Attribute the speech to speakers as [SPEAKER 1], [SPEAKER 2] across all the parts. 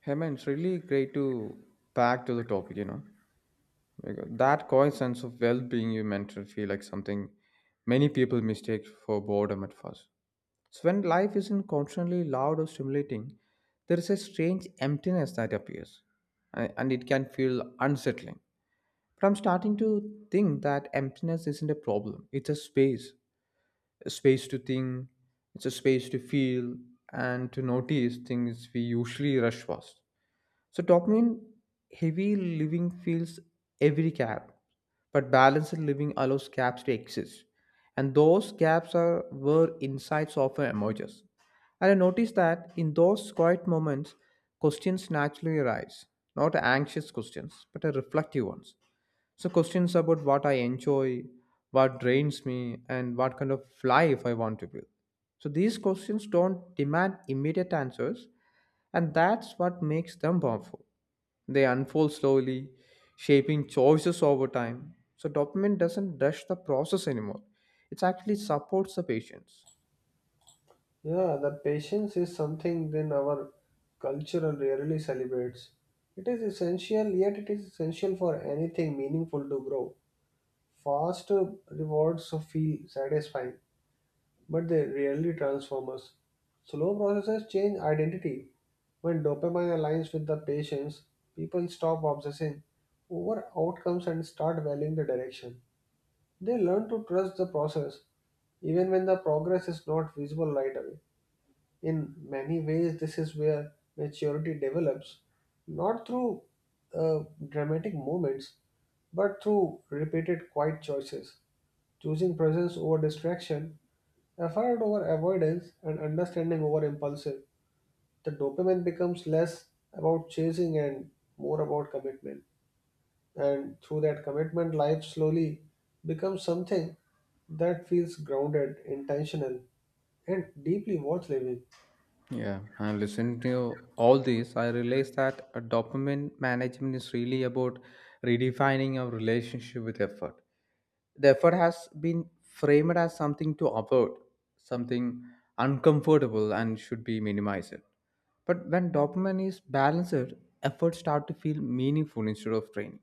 [SPEAKER 1] Hey man, it's really great to back to the topic, you know. Because that quiet sense of well-being you mentioned feel like something many people mistake for boredom at first. So when life isn't constantly loud or stimulating, there is a strange emptiness that appears, and it can feel unsettling. But I'm starting to think that emptiness isn't a problem. It's a space to think, it's a space to feel and to notice things we usually rush past. So dopamine heavy living fills every gap, but balanced living allows gaps to exist. And those gaps are where insights often emerges. And I noticed that in those quiet moments, questions naturally arise. Not anxious questions, but a reflective ones. So questions about what I enjoy, what drains me, and what kind of life I want to build. So these questions don't demand immediate answers, and that's what makes them powerful. They unfold slowly, shaping choices over time. So dopamine doesn't rush the process anymore. It actually supports the patients.
[SPEAKER 2] Yeah, the patience is something then our culture rarely celebrates. It is essential, yet it is essential for anything meaningful to grow. Fast rewards feel satisfying, but they rarely transform us. Slow processes change identity. When dopamine aligns with the patience, people stop obsessing over outcomes and start valuing the direction. They learn to trust the process, even when the progress is not visible right away. In many ways this is where maturity develops, not through uh, dramatic moments, but through repeated quiet choices, choosing presence over distraction, effort over avoidance, and understanding over impulsive. The dopamine becomes less about chasing and more about commitment, and through that commitment life slowly becomes something that feels grounded, intentional, and deeply worth living.
[SPEAKER 1] Yeah, and listening to all this, I realized that a dopamine management is really about redefining our relationship with effort. The effort has been framed as something to avoid, something uncomfortable, and should be minimized. But when dopamine is balanced, efforts start to feel meaningful instead of draining.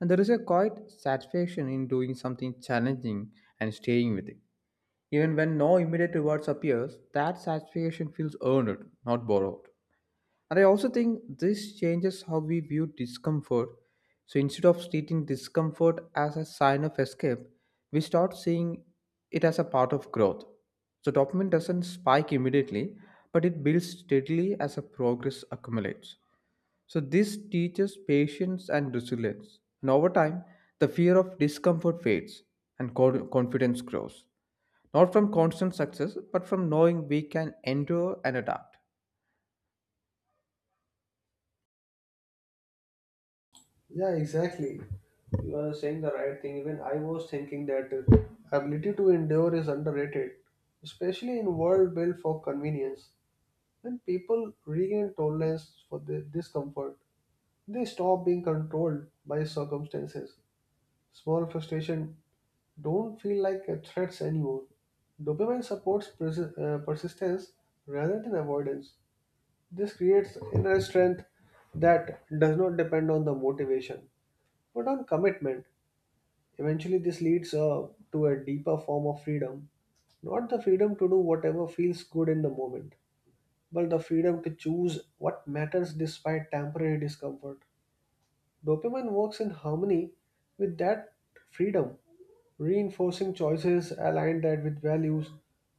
[SPEAKER 1] And there is a quiet satisfaction in doing something challenging and staying with it. Even when no immediate rewards appears, that satisfaction feels earned, not borrowed. And I also think this changes how we view discomfort. So instead of treating discomfort as a sign of escape, we start seeing it as a part of growth. So dopamine doesn't spike immediately, but it builds steadily as a progress accumulates. So this teaches patience and resilience. And over time, the fear of discomfort fades and confidence grows. Not from constant success, but from knowing we can endure and adapt.
[SPEAKER 2] Yeah, exactly. You are saying the right thing. Even I was thinking that ability to endure is underrated, especially in world built for convenience. When people regain tolerance for the discomfort, they stop being controlled by circumstances. Small frustration don't feel like a threats anymore. Dopamine supports persistence rather than avoidance. This creates inner strength that does not depend on the motivation but on commitment. Eventually, this leads to a deeper form of freedom, not the freedom to do whatever feels good in the moment, but the freedom to choose what matters despite temporary discomfort. Dopamine works in harmony with that freedom, reinforcing choices aligned that with values.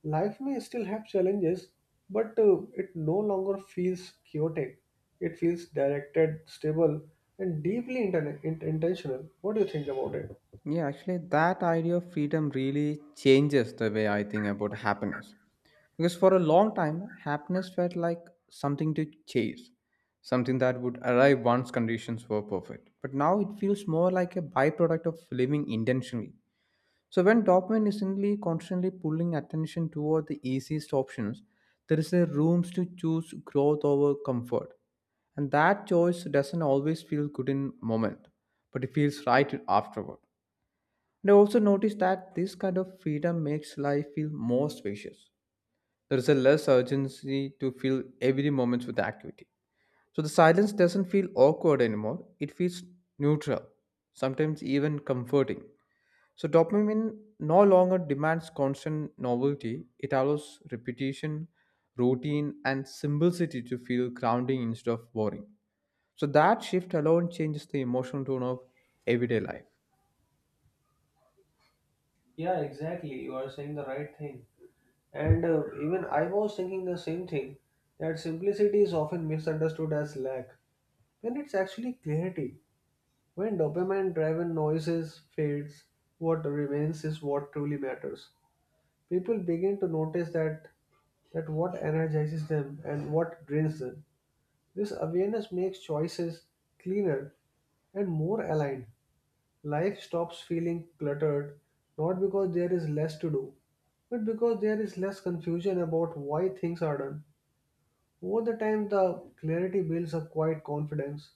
[SPEAKER 2] Life may still have challenges, but it no longer feels chaotic. It feels directed, stable, and deeply intentional. What do you think about it?
[SPEAKER 1] Yeah, actually, that idea of freedom really changes the way I think about happiness. Because for a long time, happiness felt like something to chase, something that would arrive once conditions were perfect. But now it feels more like a byproduct of living intentionally. So when dopamine is only constantly pulling attention toward the easiest options, there is a room to choose growth over comfort. And that choice doesn't always feel good in moment, but it feels right afterward. And I also noticed that this kind of freedom makes life feel more spacious. There is a less urgency to fill every moment with activity. So the silence doesn't feel awkward anymore. It feels neutral, sometimes even comforting. So dopamine no longer demands constant novelty. It allows repetition, routine, and simplicity to feel grounding instead of boring. So that shift alone changes the emotional tone of everyday life.
[SPEAKER 2] Yeah, exactly. You are saying the right thing. And even I was thinking the same thing that simplicity is often misunderstood as lack, when it's actually clarity. When dopamine driven noises fades, what remains is what truly matters. People begin to notice that what energizes them and what drains them. This awareness makes choices cleaner and more aligned. Life stops feeling cluttered not because there is less to do, but because there is less confusion about why things are done. Over the time, the clarity builds a quiet confidence,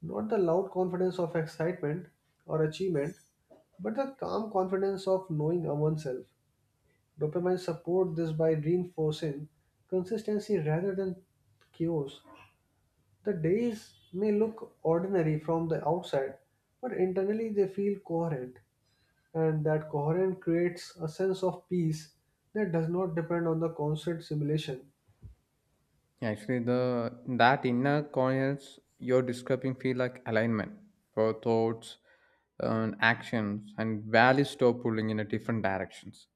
[SPEAKER 2] not the loud confidence of excitement or achievement, but the calm confidence of knowing oneself. Dopamine support this by reinforcing consistency rather than chaos. The days may look ordinary from the outside, but internally they feel coherent, and that coherence creates a sense of peace that does not depend on the constant simulation.
[SPEAKER 1] Actually, the that inner coherence you're describing feel like alignment for thoughts and actions, and values stop pulling in a different directions.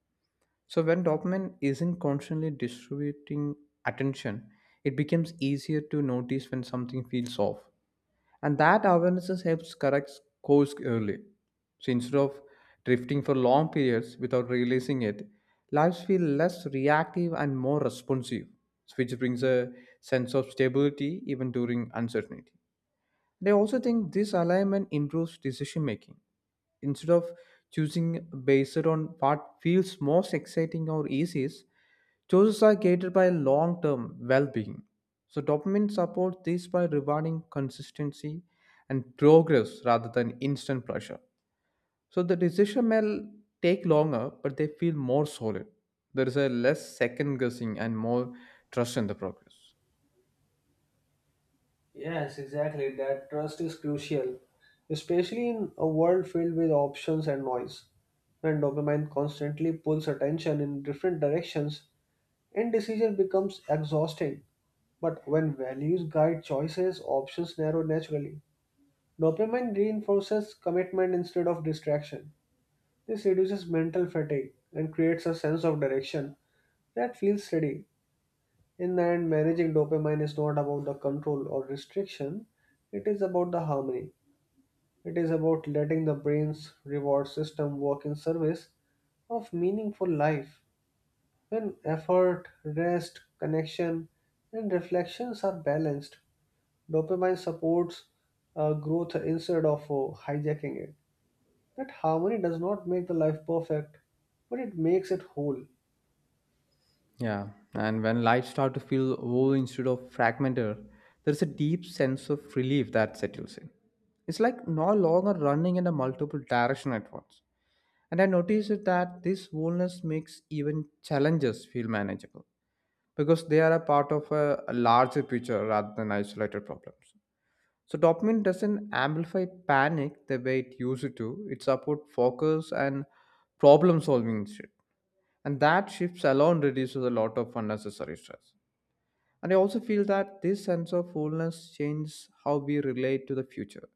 [SPEAKER 1] So when dopamine isn't constantly distributing attention, it becomes easier to notice when something feels off. And that awareness helps correct course early. So instead of drifting for long periods without realizing it, lives feel less reactive and more responsive, which brings a sense of stability even during uncertainty. And I also think this alignment improves decision making. Instead of choosing based on what feels most exciting or easiest, choices are guided by long term well being. So dopamine supports this by rewarding consistency and progress rather than instant pressure. So the decision take longer, but they feel more solid. There is a less second guessing and more trust in the progress.
[SPEAKER 2] Yes, exactly. That trust is crucial, especially in a world filled with options and noise. When dopamine constantly pulls attention in different directions, indecision becomes exhausting. But when values guide choices, options narrow naturally. Dopamine reinforces commitment instead of distraction. This reduces mental fatigue and creates a sense of direction that feels steady. In the end, managing dopamine is not about the control or restriction, it is about the harmony. It is about letting the brain's reward system work in service of meaningful life. When effort, rest, connection, and reflections are balanced, dopamine supports growth instead of hijacking it. That harmony does not make the life perfect, but it makes it whole.
[SPEAKER 1] Yeah, and when life start to feel whole instead of fragmented, there's a deep sense of relief that settles in. It's like no longer running in a multiple direction at once. And I noticed that this wholeness makes even challenges feel manageable because they are a part of a larger picture rather than isolated problems. So dopamine doesn't amplify panic the way it used to. It supports focus and problem solving instead. And that shifts alone reduces a lot of unnecessary stress. And I also feel that this sense of wholeness changes how we relate to the future.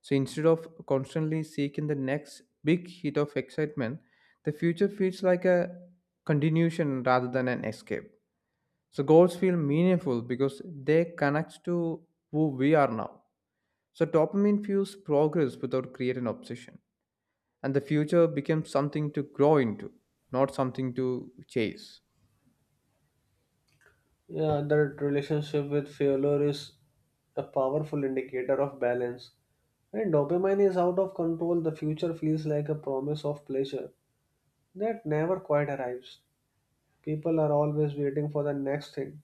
[SPEAKER 1] So instead of constantly seeking the next big hit of excitement, the future feels like a continuation rather than an escape. So goals feel meaningful because they connect to who we are now. So dopamine fuels progress without creating obsession. And the future becomes something to grow into, not something to chase.
[SPEAKER 2] Yeah, that relationship with failure is a powerful indicator of balance. When dopamine is out of control, the future feels like a promise of pleasure that never quite arrives. People are always waiting for the next thing.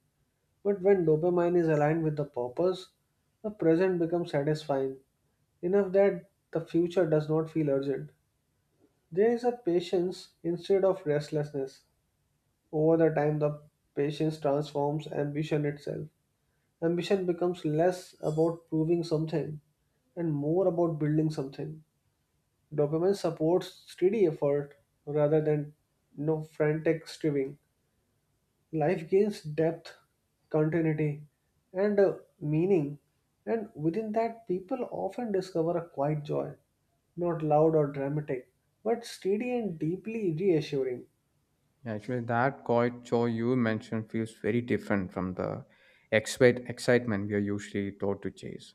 [SPEAKER 2] But when dopamine is aligned with the purpose, the present becomes satisfying, enough that the future does not feel urgent. There is a patience instead of restlessness. Over the time, the patience transforms ambition itself. Ambition becomes less about proving something and more about building something. Dopamine supports steady effort rather than, you know, frantic striving. Life gains depth, continuity, and meaning, and within that, people often discover a quiet joy, not loud or dramatic, but steady and deeply reassuring.
[SPEAKER 1] Yeah, actually, that quiet joy you mentioned feels very different from the excitement we are usually taught to chase.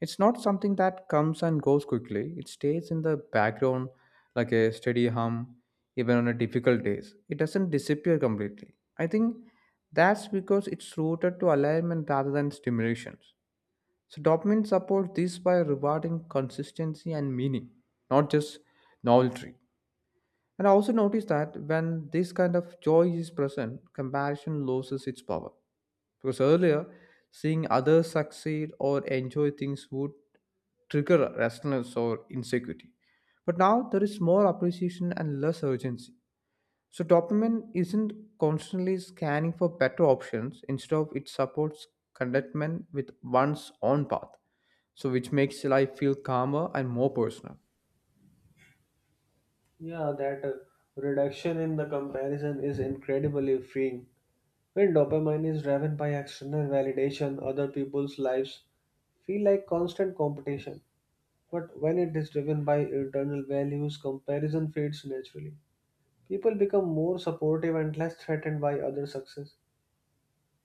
[SPEAKER 1] It's not something that comes and goes quickly. It stays in the background like a steady hum, even on a difficult days. It doesn't disappear completely. I think that's because it's rooted to alignment rather than stimulations. So dopamine supports this by rewarding consistency and meaning, not just novelty. And I also noticed that when this kind of joy is present, comparison loses its power. Because earlier, seeing others succeed or enjoy things would trigger restlessness or insecurity. But now there is more appreciation and less urgency. So dopamine isn't constantly scanning for better options, instead of it supports contentment with one's own path. So which makes life feel calmer and more personal.
[SPEAKER 2] Yeah, that reduction in the comparison is incredibly freeing. When dopamine is driven by external validation, other people's lives feel like constant competition. But when it is driven by internal values, comparison fades naturally. People become more supportive and less threatened by other success.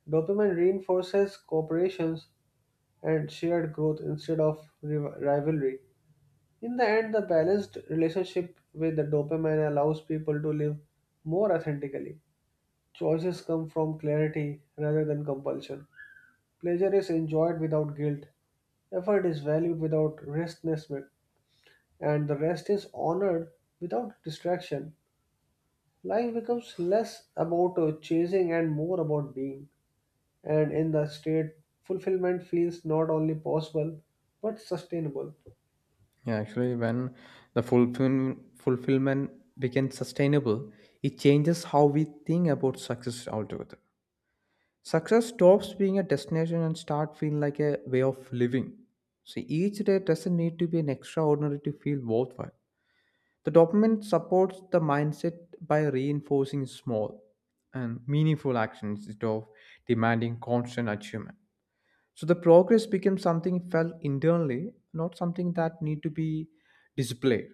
[SPEAKER 2] Dopamine reinforces cooperations and shared growth instead of rivalry. In the end, the balanced relationship with the dopamine allows people to live more authentically. Choices come from clarity rather than compulsion. Pleasure is enjoyed without guilt. Effort is valued without restlessness, and the rest is honored without distraction. Life becomes less about chasing and more about being. And in the state, fulfillment feels not only possible but sustainable.
[SPEAKER 1] Yeah, actually, when the fulfillment becomes sustainable, it changes how we think about success altogether. Success stops being a destination and start feeling like a way of living. So each day doesn't need to be an extraordinary to feel worthwhile. The document supports the mindset by reinforcing small and meaningful actions instead of demanding constant achievement. So the progress becomes something felt internally, not something that need to be displayed.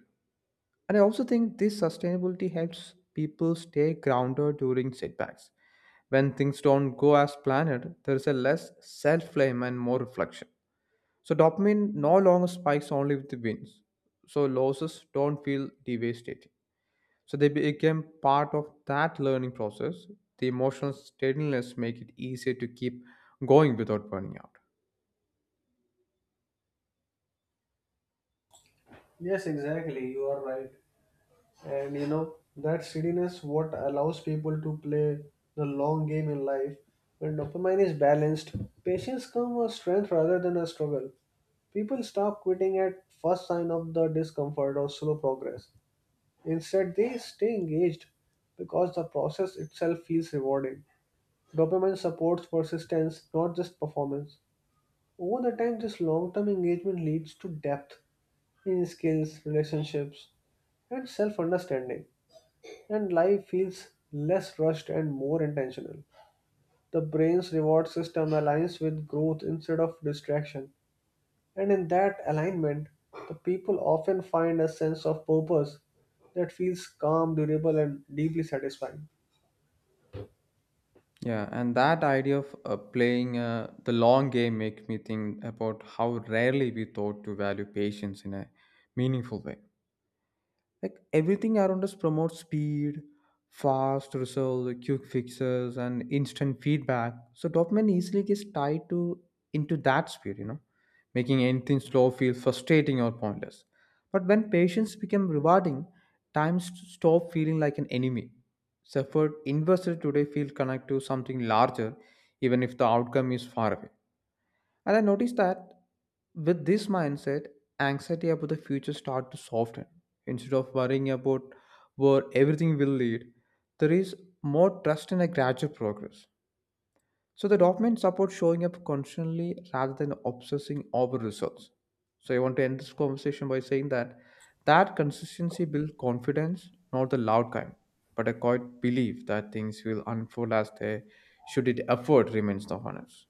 [SPEAKER 1] And I also think this sustainability helps people stay grounded during setbacks. When things don't go as planned, there is a less self blame and more reflection. So dopamine no longer spikes only with the wins. So losses don't feel devastating. So they became part of that learning process. The emotional steadiness make it easier to keep going without burning out.
[SPEAKER 2] Yes, exactly. You are right. And you know, that steadiness what allows people to play the long game in life. When dopamine is balanced, patience come a strength rather than a struggle. People stop quitting at first sign of the discomfort or slow progress. Instead, they stay engaged because the process itself feels rewarding. Dopamine supports persistence, not just performance. Over the time, this long term engagement leads to depth in skills, relationships, and self understanding, and life feels less rushed and more intentional. The brain's reward system aligns with growth instead of distraction, and in that alignment, the people often find a sense of purpose that feels calm, durable, and deeply satisfying.
[SPEAKER 1] Yeah, and that idea of playing the long game makes me think about how rarely we thought to value patience in a meaningful way, like everything around us promotes speed, fast results, quick fixes and instant feedback. So dopamine easily gets tied to into that speed, you know, making anything slow feel frustrating or pointless. But when patience become rewarding, time stop feeling like an enemy. So effort invested today feel connected to something larger even if the outcome is far away. And I noticed that with this mindset, anxiety about the future start to soften. Instead of worrying about where everything will lead, there is more trust in a gradual progress. So the document supports showing up constantly rather than obsessing over results. So I want to end this conversation by saying that that consistency builds confidence, not the loud kind, but a quiet belief that things will unfold as they should it effort remains the honors.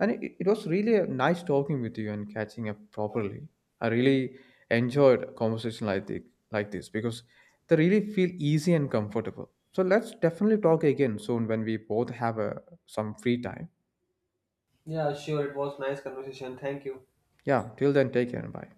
[SPEAKER 1] And it was really a nice talking with you and catching up properly. I really enjoyed a conversation like this because they really feel easy and comfortable. So let's definitely talk again soon when we both have some free time.
[SPEAKER 2] Yeah, sure. It was nice conversation. Thank you.
[SPEAKER 1] Yeah, till then, take care and bye.